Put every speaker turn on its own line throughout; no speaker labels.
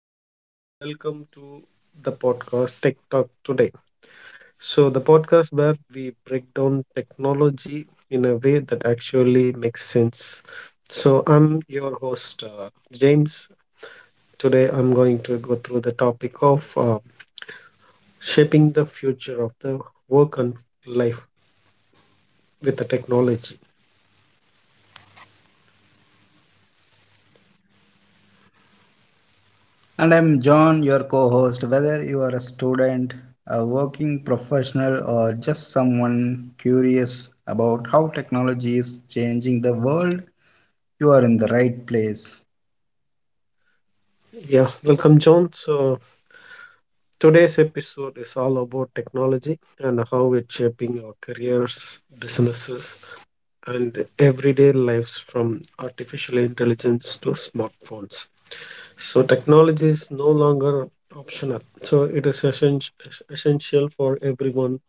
everyone. Welcome to the podcast Tech Talk today. The podcast where we break down technology in a way that actually makes sense. So, I'm your host, James. Today, I'm going to go through the topic of shaping the future of the work and life with the technology.
And I'm John, your co host. Whether you are a student, a working professional, or just someone curious about how technology is changing the world, you are in the right place.
Yeah, welcome, John. So, today's episode is all about technology and how it's shaping our careers, businesses, and everyday lives from artificial intelligence to smartphones. So technology is no longer optional. So it is essential for everyone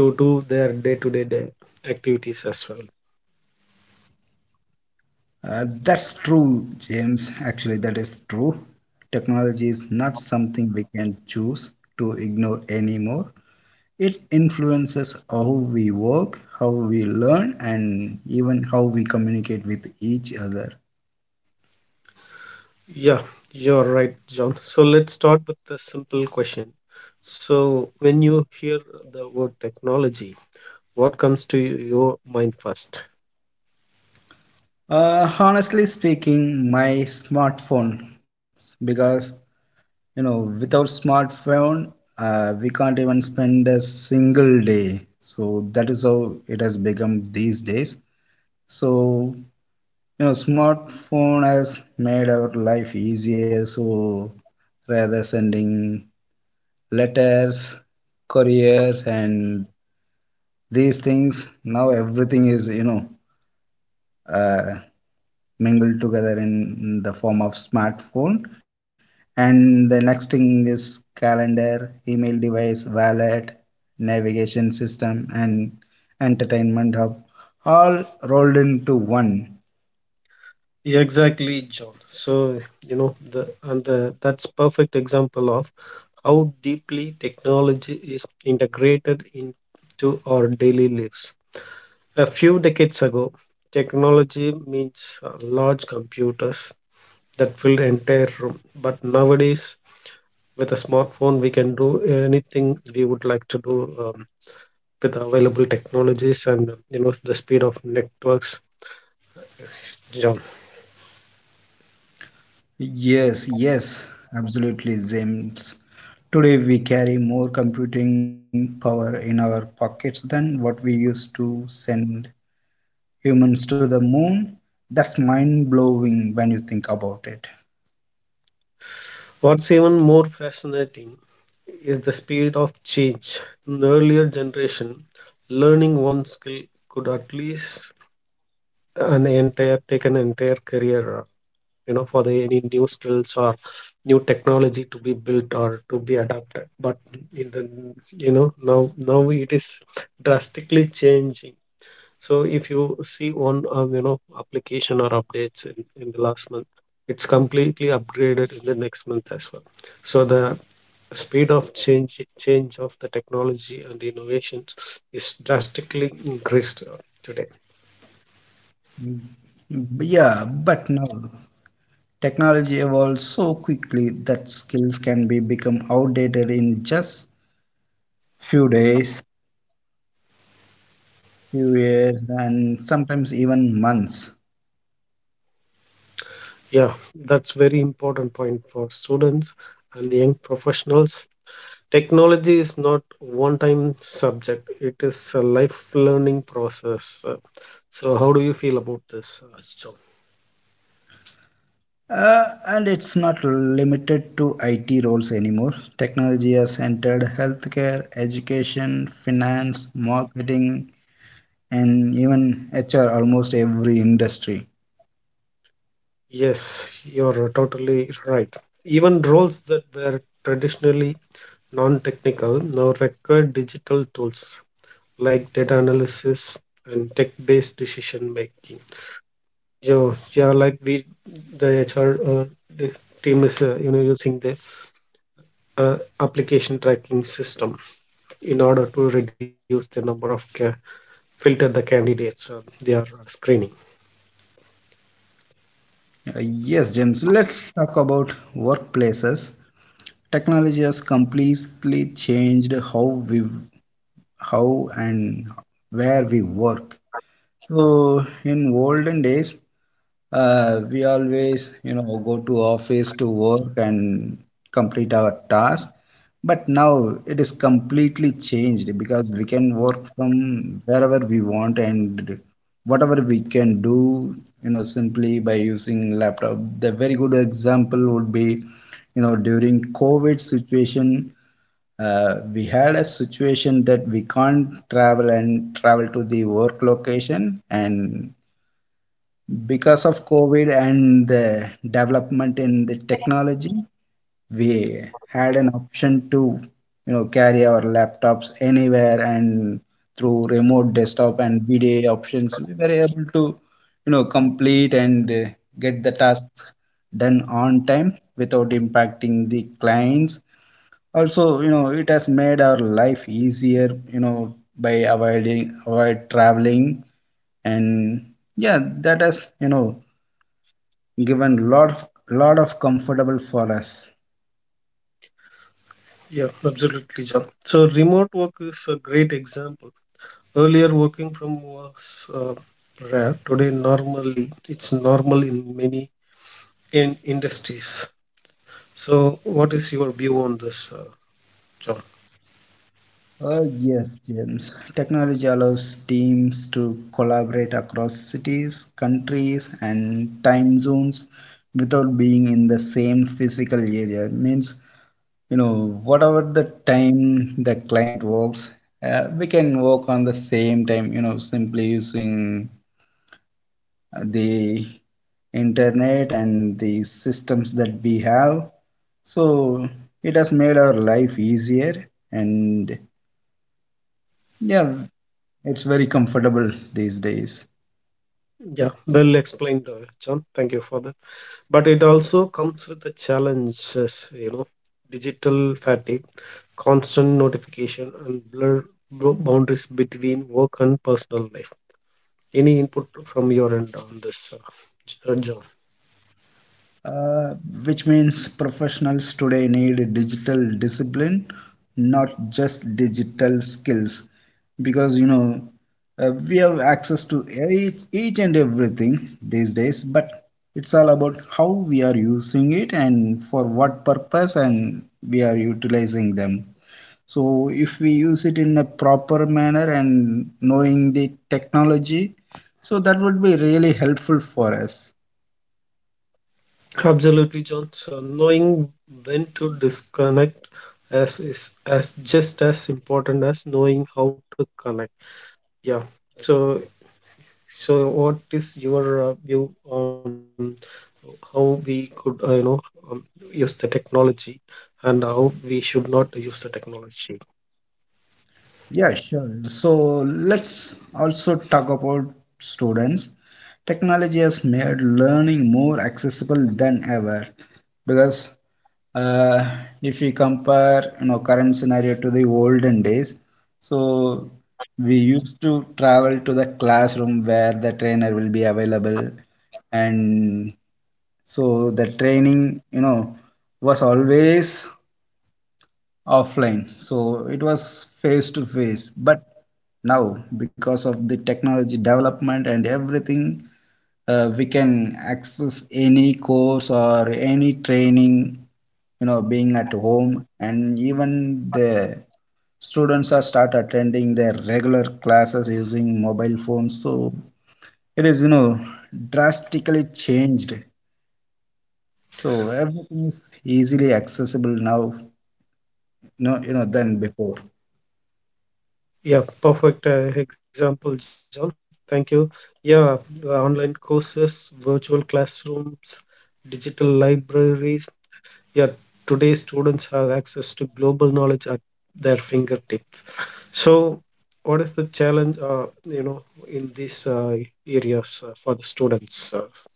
to do their day-to-day day activities as well.
That's true, James. Actually, that is true. Technology is not something we can choose to ignore anymore. It influences how we work, how we learn, and even how we communicate with each other.
Yeah, you're right, John. So let's start with a simple question. So when you hear the word technology, what comes to your mind first?
Honestly speaking, my smartphone, because without smartphone, we can't even spend a single day. So that is how it has become these days. So smartphone has made our life easier. So rather sending letters, couriers, and these things, now everything is uh, mingled together in the form of smartphone. And the next thing is calendar, email, device, wallet, navigation system, and entertainment hub, all rolled into one.
Yeah, exactly, John. So, you know, the and the that's perfect example of how deeply technology is integrated into our daily lives. A few decades ago, technology means large computers that filled entire room. But nowadays, with a smartphone, we can do anything we would like to do with the available technologies and you know the speed of networks, John.
Yes, yes, absolutely, James. Today we carry more computing power in our pockets than what we used to send humans to the moon. That's mind blowing when you think about it.
What's even more fascinating is the speed of change. In the earlier generation, learning one skill could at least an entire take an entire career, you know, for the any new skills or new technology to be built or to be adapted, but in the you know now now it is drastically changing. So if you see one you know application or updates in the last month, it's completely upgraded in the next month as well. So the speed of change of the technology and innovations is drastically increased today.
Yeah, but now technology evolves so quickly that skills can be become outdated in just few days, few years, and sometimes even months.
Yeah, that's very important point for students and young professionals. Technology is not one-time subject. It is a life learning process. So how do you feel about this, John?
And it's not limited to IT roles anymore. Technology has entered healthcare, education, finance, marketing, and even HR, almost every industry.
Yes, you're totally right. Even roles that were traditionally non-technical now require digital tools like data analysis and tech-based decision making. Yeah, yeah, like we, the HR the team is you know using the application tracking system in order to reduce the number of ca- filter the candidates they are screening.
Yes, James, let's talk about workplaces. Technology has completely changed how and where we work. So in olden days, we always go to office to work and complete our task. But now it is completely changed because we can work from wherever we want and whatever we can do, simply by using laptop. The very good example would be, during COVID situation, we had a situation that we can't travel to the work location, and because of COVID and the development in the technology, we had an option to carry our laptops anywhere, and through remote desktop and VDA options we were able to complete and get the tasks done on time without impacting the clients. Also, it has made our life easier, by avoiding avoid traveling. And yeah, that has given lot of comfortable for us.
Yeah, absolutely, John. So remote work is a great example. Earlier, working from was rare. Today, it's normal in many in industries. So, what is your view on this, John?
Oh yes, James, technology allows teams to collaborate across cities, countries, and time zones without being in the same physical area. It means, whatever the time the client works, we can work on the same time, simply using the internet and the systems that we have. So it has made our life easier, and yeah, it's very comfortable these days.
Yeah, well explained, John. Thank you for that. But it also comes with the challenges, you know, digital fatigue, constant notification, and blur boundaries between work and personal life. Any input from your end on this, John?
Uh, which means professionals today need digital discipline, not just digital skills, because we have access to each and everything these days. But it's all about how we are using it and for what purpose and we are utilizing them. So if we use it in a proper manner and knowing the technology, so that would be really helpful for us.
Absolutely, John. So knowing when to disconnect as is as just as important as knowing how to connect. Yeah. So so what is your view on how we could, um, use the technology and how we should not use the technology?
Yeah, sure. So let's also talk about students. Technology has made learning more accessible than ever, because uh, if we compare current scenario to the olden days. So we used to travel to the classroom where the trainer will be available, and so the training was always offline, so it was face to face. But now, because of the technology development and everything, we can access any course or any training, being at home. And even the students are start attending their regular classes using mobile phones. So it is drastically changed. So everything is easily accessible now, no, than before.
Yeah, perfect example, John. Thank you. Yeah, the online courses, virtual classrooms, digital libraries. Yeah, today students have access to global knowledge at their fingertips. So, what is the challenge, in these areas for the students, John?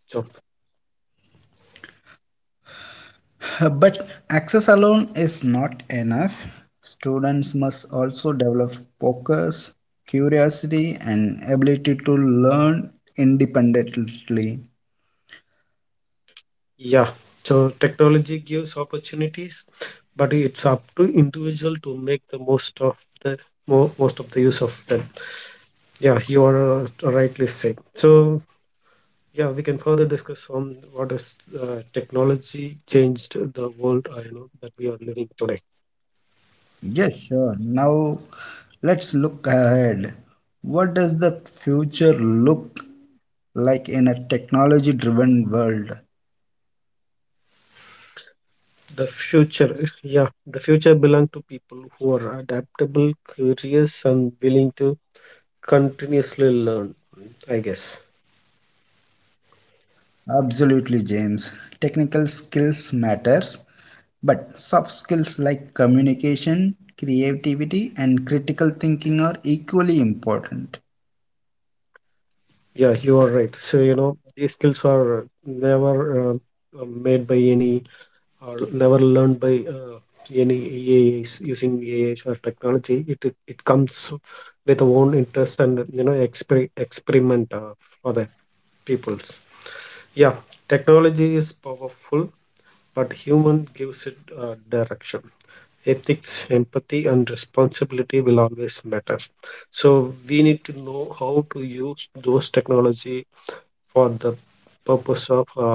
But access alone is not enough. Students must also develop focus, curiosity, and ability to learn independently.
Yeah, so technology gives opportunities, but it's up to individual to make the most of the mo most of the use of them. Yeah, you are rightly saying. So, yeah, we can further discuss on what is technology changed the world, you know, that we are living today.
Yes, sure. Now let's look ahead. What does the future look like in a technology driven world?
The future, yeah, the future belong to people who are adaptable, curious, and willing to continuously learn, I guess.
Absolutely, James. Technical skills matters, but soft skills like communication, creativity, and critical thinking are equally important.
Yeah, you are right. So, you know, these skills are never made by any or never learned by any AIs, using AIs or technology. It comes with own interest and you know experiment for the peoples. Yeah, technology is powerful, but human gives it direction. Ethics, empathy, and responsibility will always matter. So we need to know how to use those technology for the purpose of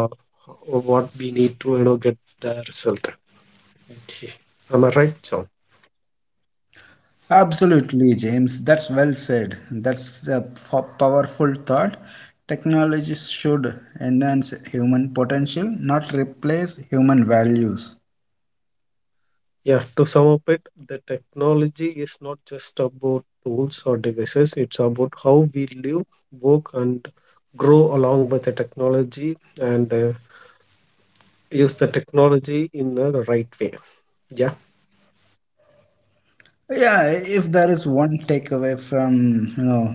what we need to you know get the result. Am I right, John?
Absolutely, James. That's well said. That's a powerful thought. Technologies should enhance human potential, not replace human values.
Yeah, to sum up it, the technology is not just about tools or devices, it's about how we live, work, and grow along with the technology and use the technology in the right way. Yeah,
Yeah, if there is one takeaway from,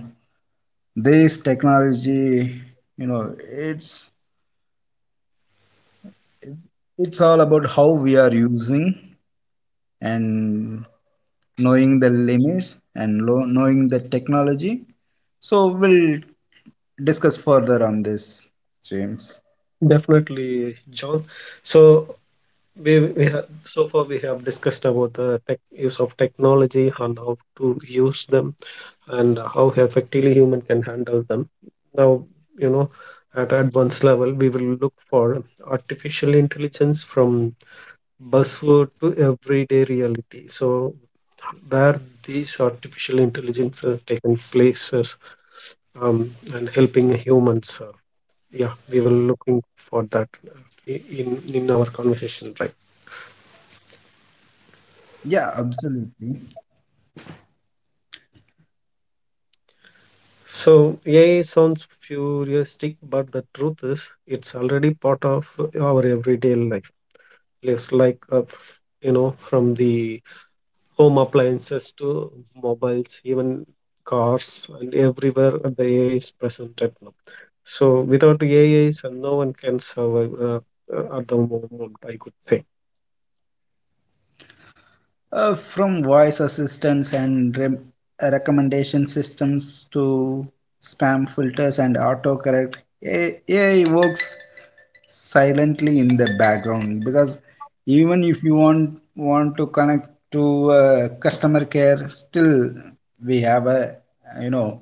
this technology, you know, it's it's all about how we are using and knowing the limits and knowing the technology. So we'll discuss further on this, James.
definitely, John. So, we have so far we have discussed about use of technology and how to use them and how effectively human can handle them. Now, you know, at advanced level, we will look for artificial intelligence from buzzword to everyday reality. So, where these artificial intelligence are taking places and helping humans. Yeah, we were looking for that, in our conversation, right?
Yeah, absolutely.
So AI sounds futuristic, but the truth is, it's already part of our everyday life, lives, like you know, from the home appliances to mobiles, even cars, and everywhere the AI is present at now. So without AI, so no one can survive, at the moment I could say.
From voice assistants and recommendation systems to spam filters and autocorrect, AI works silently in the background. Because even if you want to connect to customer care, still we have a you know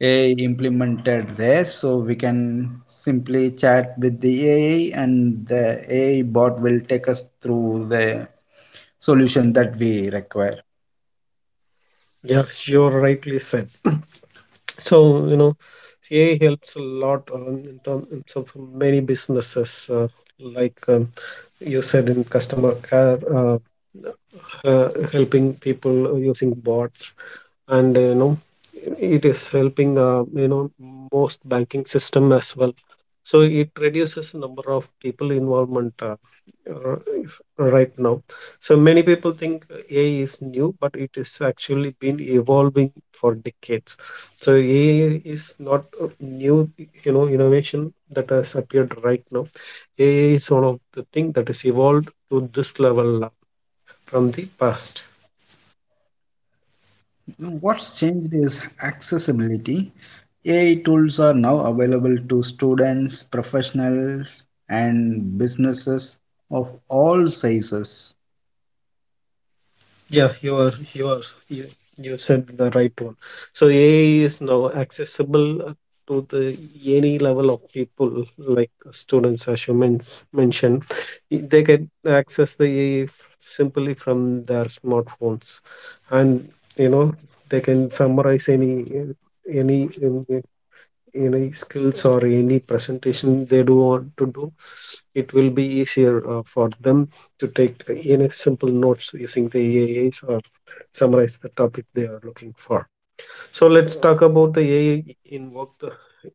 AI implemented there, so we can simply chat with the AI, and the AI bot will take us through the solution that we require.
Yeah, you're rightly said. So, you know, AI helps a lot, in terms of many businesses, like um, you said, in customer care, helping people using bots, and you know, it is helping you know most banking system as well. So it reduces the number of people involvement, right now. So many people think AI is new, but it is actually been evolving for decades. So AI is not a new, you know, innovation that has appeared right now. AI is one of the thing that is evolved to this level from the past.
What's changed is accessibility. AI tools are now available to students, professionals, and businesses of all sizes.
Yeah, you, you said the right one. So AI is now accessible to the any level of people, like students, as you mentioned. They can access the AI simply from their smartphones, and you know they can summarize any any any skills or any presentation they do want to do. It will be easier for them to take the, you know, simple notes using the AAs or summarize the topic they are looking for. So let's talk about the AI in work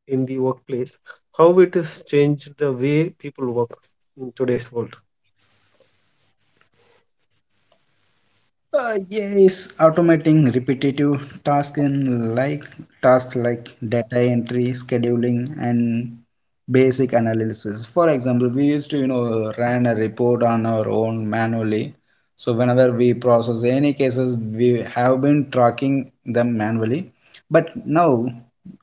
in the workplace. How it has changed the way people work in today's world.
Yes, automating repetitive tasks like data entry, scheduling, and basic analysis. For example, we used to run a report on our own manually. So whenever we process any cases, we have been tracking them manually. But now,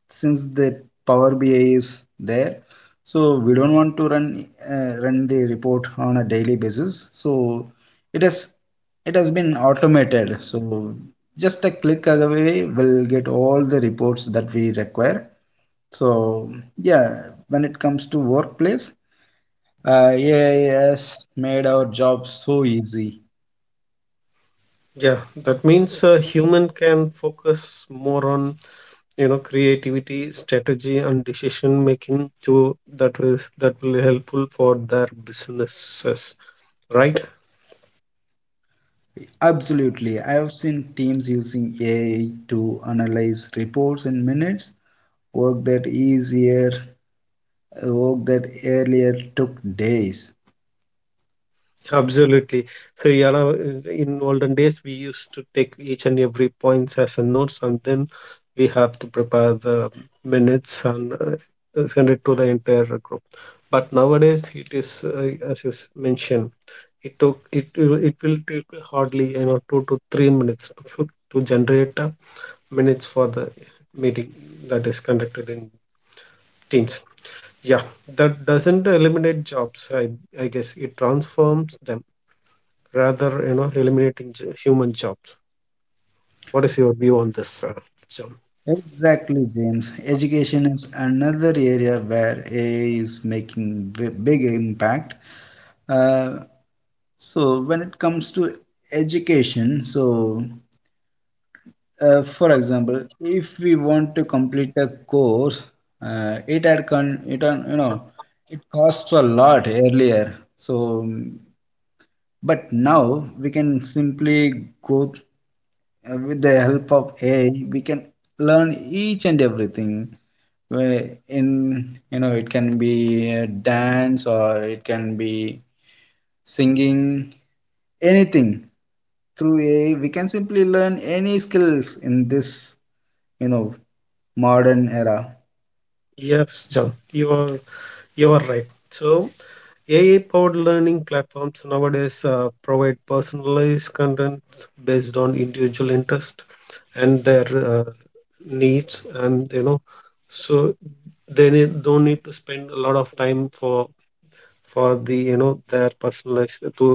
since the Power BI is there, so we don't want to run the report on a daily basis. So it is it has been automated, so just a click away, we'll get all the reports that we require. So yeah, when it comes to workplace, AI has made our job so easy.
Yeah, that means a human can focus more on you know creativity, strategy, and decision making to that will helpful for their businesses, right?
Absolutely. I have seen teams using AI to analyze reports in minutes, work that easier work that earlier took days.
Absolutely. So, yeah, now, in olden days, we used to take each and every points as a notes, and then we have to prepare the minutes and send it to the entire group. But nowadays, it is, as you mentioned, it will take hardly you know 2 to 3 minutes to generate minutes for the meeting that is conducted in Teams. Yeah, that doesn't eliminate jobs. I guess it transforms them rather you know human jobs. What is your view on this, John?
Exactly, James. Education is another area where AI is making big impact. Uh, so when it comes to education, for example, if we want to complete a course, it had, it costs a lot earlier. But now we can simply go with the help of AI, we can learn each and everything. Where In, it can be dance or it can be singing, anything through AI. We can simply learn any skills in this you know modern era.
Yes, John, you are right. So AI powered learning platforms nowadays provide personalized content based on individual interest and their uh, needs, and you know so don't need to spend a lot of time for the you know their personalized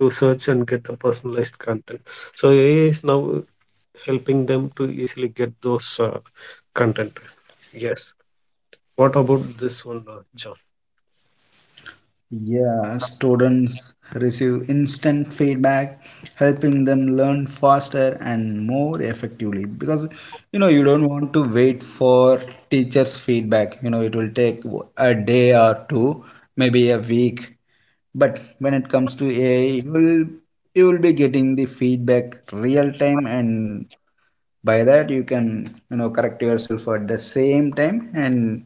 to search and get the personalized content. So AI is now helping them to easily get those content. Yes. What about this one, John?
Yeah, students receive instant feedback, helping them learn faster and more effectively. Because you don't want to wait for teachers' feedback. It will take a day or two, maybe a week. But when it comes to AI, you will be getting the feedback real time, and by that you can correct yourself at the same time, and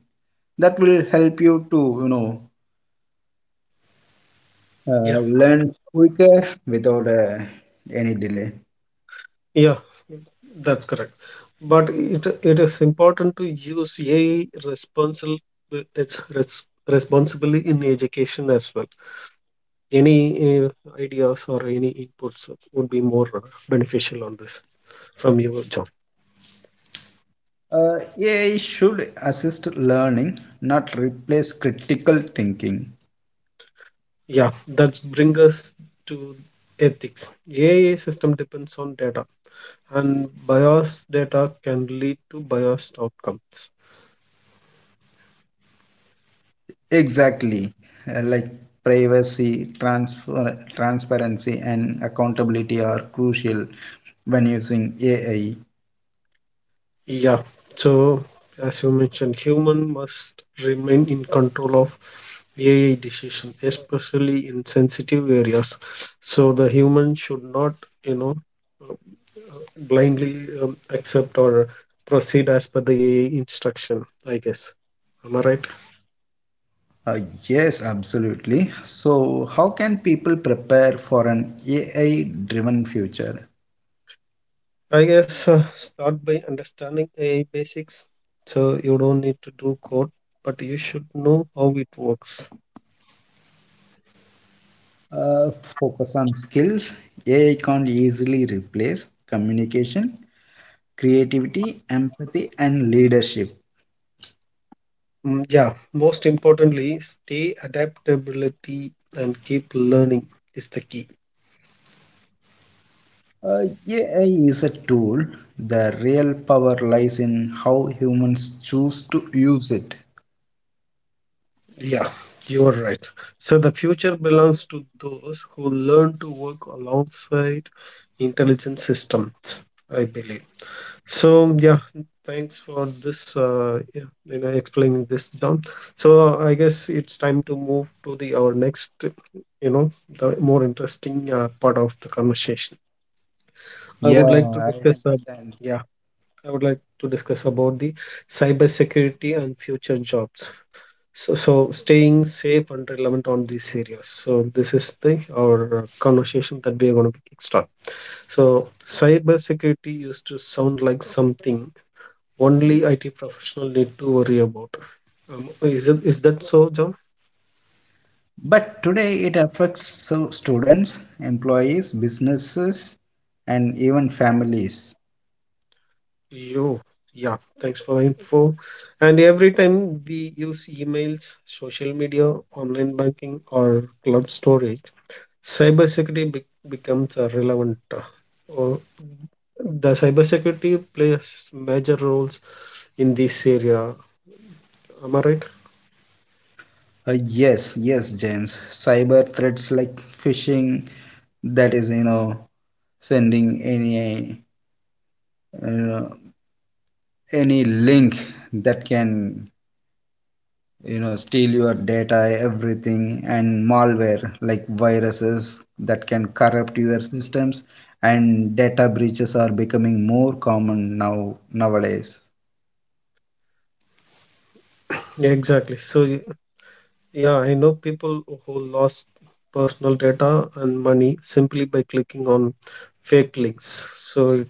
that will help you to
Yeah.
learn quicker without any delay.
Yeah, that's correct. But it is important to use AI responsibly in education as well. Any uh, ideas or any inputs would be more beneficial on this from you, John.
AI should assist learning, not replace critical thinking.
Yeah, that brings us to ethics. AI system depends on data, and biased data can lead to biased outcomes.
Exactly, like privacy, transparency, and accountability are crucial when using AI.
Yeah, so as you mentioned, human must remain in control of AI decision, especially in sensitive areas. So the human should not, you know, uh, blindly accept or proceed as per the AI instruction, I guess. Am I right?
Uh, yes, absolutely. So, how can people prepare for an AI driven future?
I guess start by understanding AI basics. So you don't need to do code, but you should know how it works.
uh, Focus on skills AI can't easily replace: communication, creativity, empathy, and leadership.
Yeah, most importantly, stay adaptability and keep learning is the key.
uh, AI is a tool. The real power lies in how humans choose to use it.
Yeah, you are right. So the future belongs to those who learn to work alongside intelligent systems, I believe. So yeah, thanks for this. Yeah, you know, explaining this, John. So I guess it's time to move to the our next, you know, the more interesting part of the conversation I would like
Yeah,
to
I
discuss.
understand.
Yeah, I would like to discuss about the cybersecurity and future jobs. So staying safe and relevant on these areas. So this is the our conversation that we are going to kickstart. So cybersecurity used to sound like something only IT professional need to worry about. Is it is that so, John?
But today it affects so students, employees, businesses, and even families.
You, yeah. Thanks for the info. And every time we use emails, social media, online banking, or cloud storage, becomes a relevant. Or The cybersecurity plays major roles in this area. Am I right?
uh, yes, yes, James, cyber threats like phishing, that is, sending uh, any link that can steal your data, everything, and malware like viruses that can corrupt your systems, and data breaches are becoming more common nowadays.
Yeah, exactly. Yeah, I know people who lost personal data and money simply by clicking on fake links. So,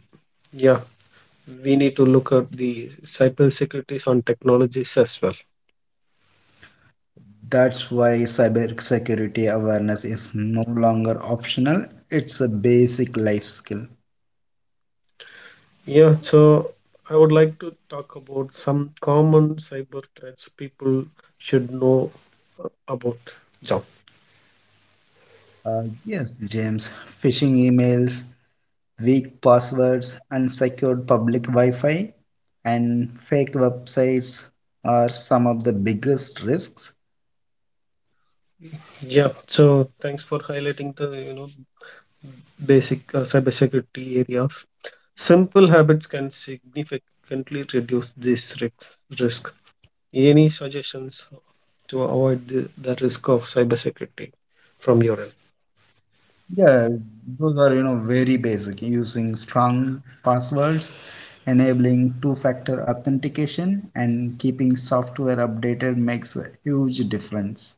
yeah, we need to look at the cybersecurities on technologies as well.
That's why cyber security awareness is no longer optional. It's a basic life skill.
Yeah, so I would like to talk about some common cyber threats people should know about, John.
Yes, James, phishing emails, weak passwords, unsecured public Wi-Fi, and fake websites are some of the biggest risks.
Yeah, so thanks for highlighting the basic cybersecurity areas. Simple habits can significantly reduce these risks. Any suggestions to avoid the risk of cybersecurity from your end?
Yeah, those are very basic. Using strong passwords, enabling two-factor authentication, and keeping software updated makes a huge difference.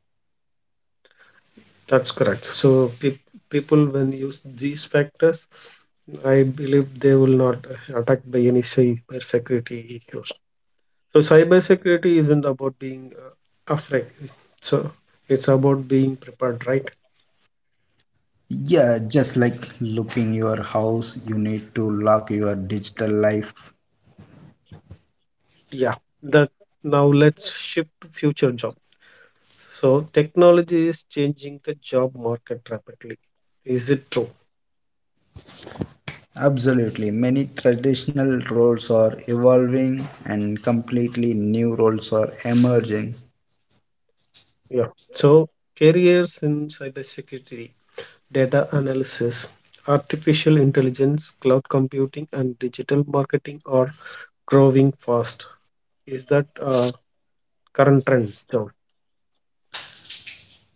That's correct. So people when use these factors, I believe they will not attacked by any cybersecurity issues. So cybersecurity isn't about being afraid. So it's about being prepared, right?
Yeah, just like looking your house, you need to lock your digital life.
Yeah. That Now let's shift to future job. So technology is changing the job market rapidly. Is it true?
Absolutely. Many traditional roles are evolving and completely new roles are emerging.
Yeah. So careers in cybersecurity, data analysis, artificial intelligence, cloud computing, and digital marketing are growing fast. Is that a current trend?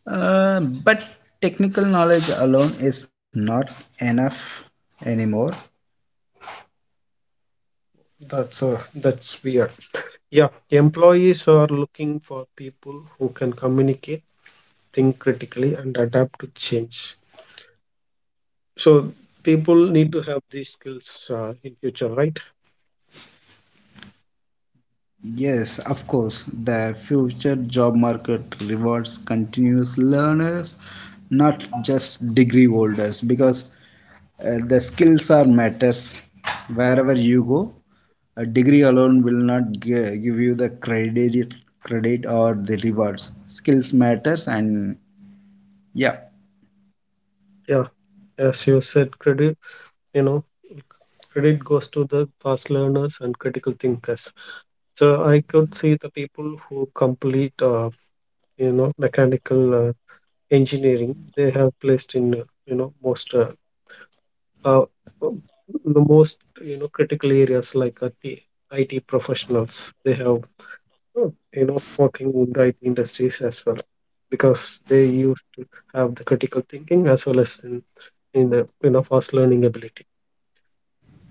But technical knowledge alone is not enough anymore.
That's weird. Yeah, employees are looking for people who can communicate, think critically, and adapt to change. So people need to have these skills in future, right?
Yes, of course, the future job market rewards continuous learners, not just degree holders, because the skills are matters wherever you go. A degree alone will not give you the credit or the rewards. Skills matters, and yeah.
Yeah. As you said, you know credit goes to the fast learners and critical thinkers. So I could see the people who complete, you know, mechanical engineering. They have placed in, you know, most uh, the most you know critical areas like IT. Professionals, they have you know working in the IT industries as well because they used to have the critical thinking as well as in the you know fast learning ability.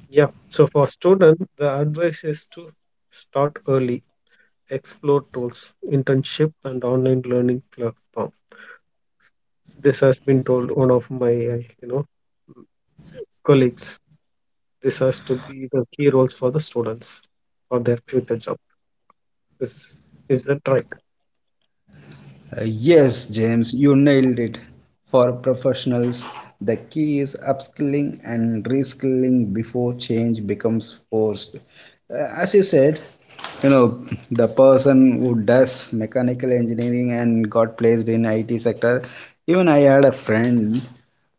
Yeah. So for student, the advice is to start early, explore tools, internship, and online learning platform. This has been told one of my, you know, colleagues. This has to be the key roles for the students for their future job. This is the track.
Yes, James, you nailed it. For professionals, the key is upskilling and reskilling before change becomes forced. As you said, you know, the person who does mechanical engineering and got placed in IT sector, even I had a friend,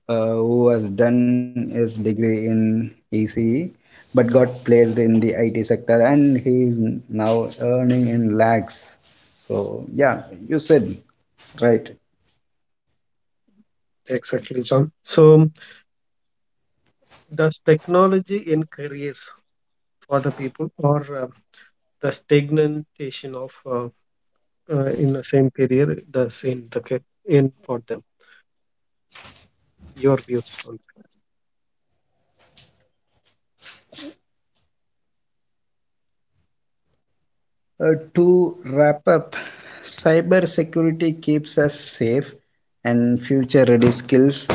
who has done his degree in ECE but got placed in the IT sector, and he is now earning in lakhs. So yeah, you said right.
Exactly, John. So does technology in careers for the people or the stagnation of in the same career does in in for them? Your views on.
To wrap up, cybersecurity keeps us safe, and future-ready skills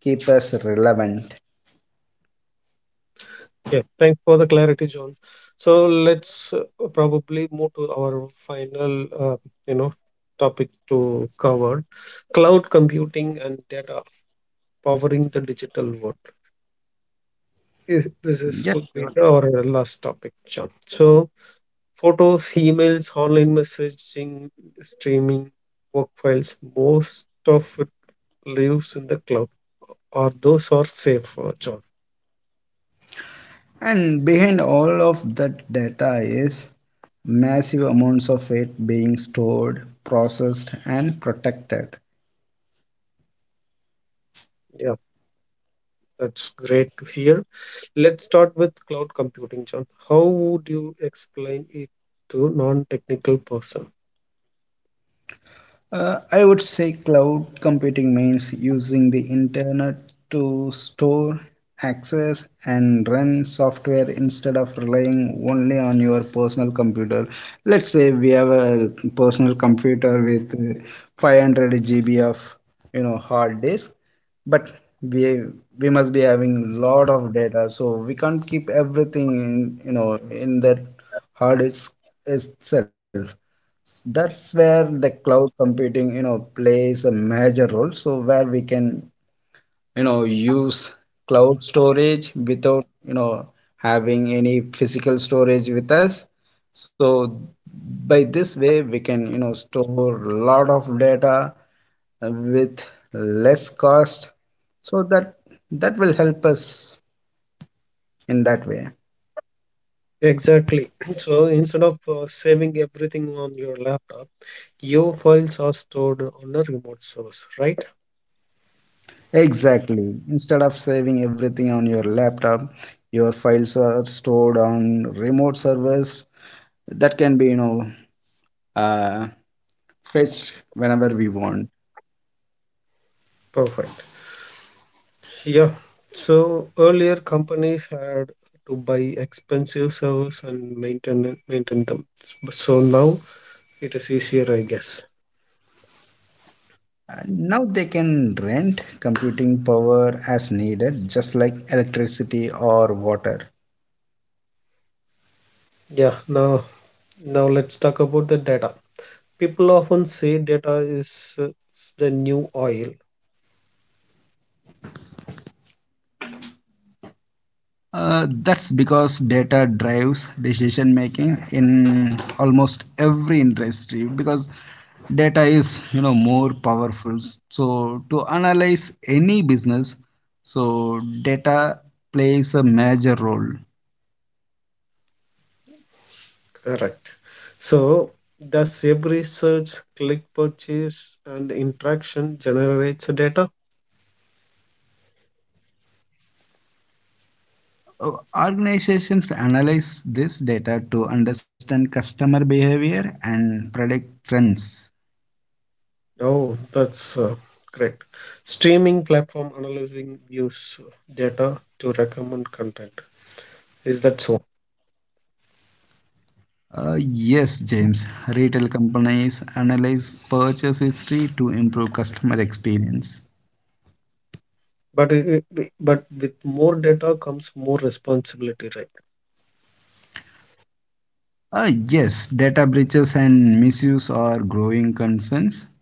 keep us relevant.
Yeah, thanks for the clarity, John. So let's probably move to our final, you know, topic to cover: cloud computing and data powering the digital world. This is
Yes,
would be
sure.
our last topic, John. So photos, emails, online messaging, streaming, work files, most of it lives in the cloud, or those are safe, John.
And behind all of that data is massive amounts of it being stored, processed, and protected.
Yeah, that's great to hear. Let's start with cloud computing, John. How would you explain it to non-technical person?
I would say cloud computing means using the internet to store, access, and run software instead of relying only on your personal computer. Let's say we have a personal computer with 500 GB of hard disk, but we we must be having lot of data, so we can't keep everything in you know in that hard disk itself. That's where the cloud computing, plays a major role. So where we can, use cloud storage without, having any physical storage with us. So by this way, we can, store a lot of data with less cost. So that will help us in that way.
Exactly. So instead of saving everything on your laptop, your files are stored on a remote source, right?
Exactly. Instead of saving everything on your laptop, your files are stored on remote servers that can be, uh, fetched whenever we want.
Perfect. Yeah. So earlier companies had to buy expensive servers and maintain them. So now it is easier, I guess.
Now they can rent computing power as needed, just like electricity or water.
Yeah. Now let's talk about the data. People often say data is the new oil.
That's because data drives decision making in almost every industry, because data is more powerful. So to analyze any business, so data plays a major role.
Correct. So, does every search, click, purchase, and interaction generates data?
Uh, Organizations analyze this data to understand customer behavior and predict trends.
Oh, that's great. Streaming platform analyzing views data to recommend content. Is that so?
Yes, James. Retail companies analyze purchase history to improve customer experience.
But it, but with more data comes more responsibility, right?
Yes, data breaches and misuse are growing concerns.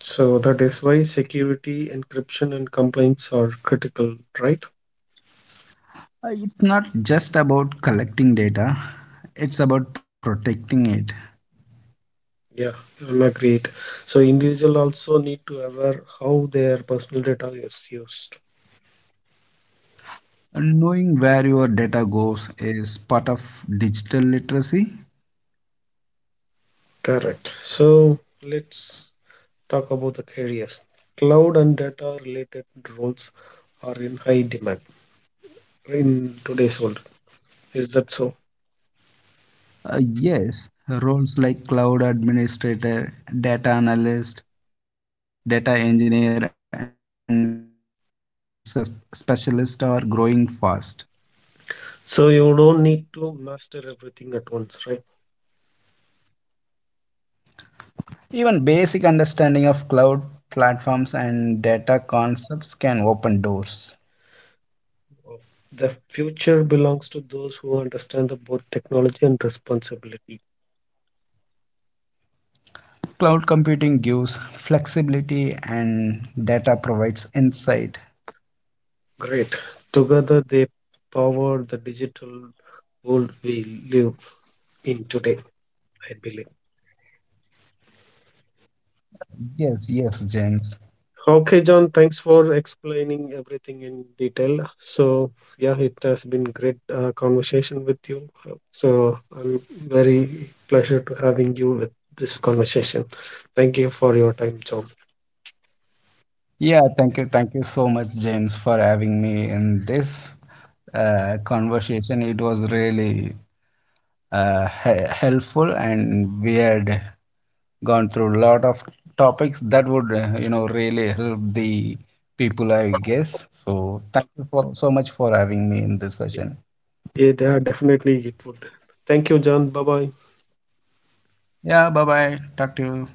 So that is why security, encryption, and compliance are critical, right?
It's not just about collecting data, it's about protecting it.
Yeah, I'm agreed. So individual also need to aware how their personal data is used.
And knowing where your data goes is part of digital literacy.
Correct. So let's talk about the careers. Cloud and data related roles are in high demand in today's world. Is that so?
Yes, roles like cloud administrator, data analyst, data engineer, and cloud security specialist are growing fast.
So you don't need to master everything at once, right?
Even basic understanding of cloud platforms and data concepts can open doors.
The future belongs to those who understand the both technology and responsibility.
Cloud computing gives flexibility and data provides insight.
Great. Together they power the digital world we live in today, I believe.
Yes, yes, James.
Okay, John, thanks for explaining everything in detail. So, yeah, it has been great conversation with you. So, I'm very pleasure to having you with this conversation. Thank you for your time, John.
Yeah, thank you. Thank you so much, James, for having me in this conversation. It was really helpful, and weird gone through a lot of topics that would really help the people, I guess. So thank you for so much for having me in this session.
Yeah, definitely it would. Thank you, John. Bye bye.
Yeah, bye bye, talk to you.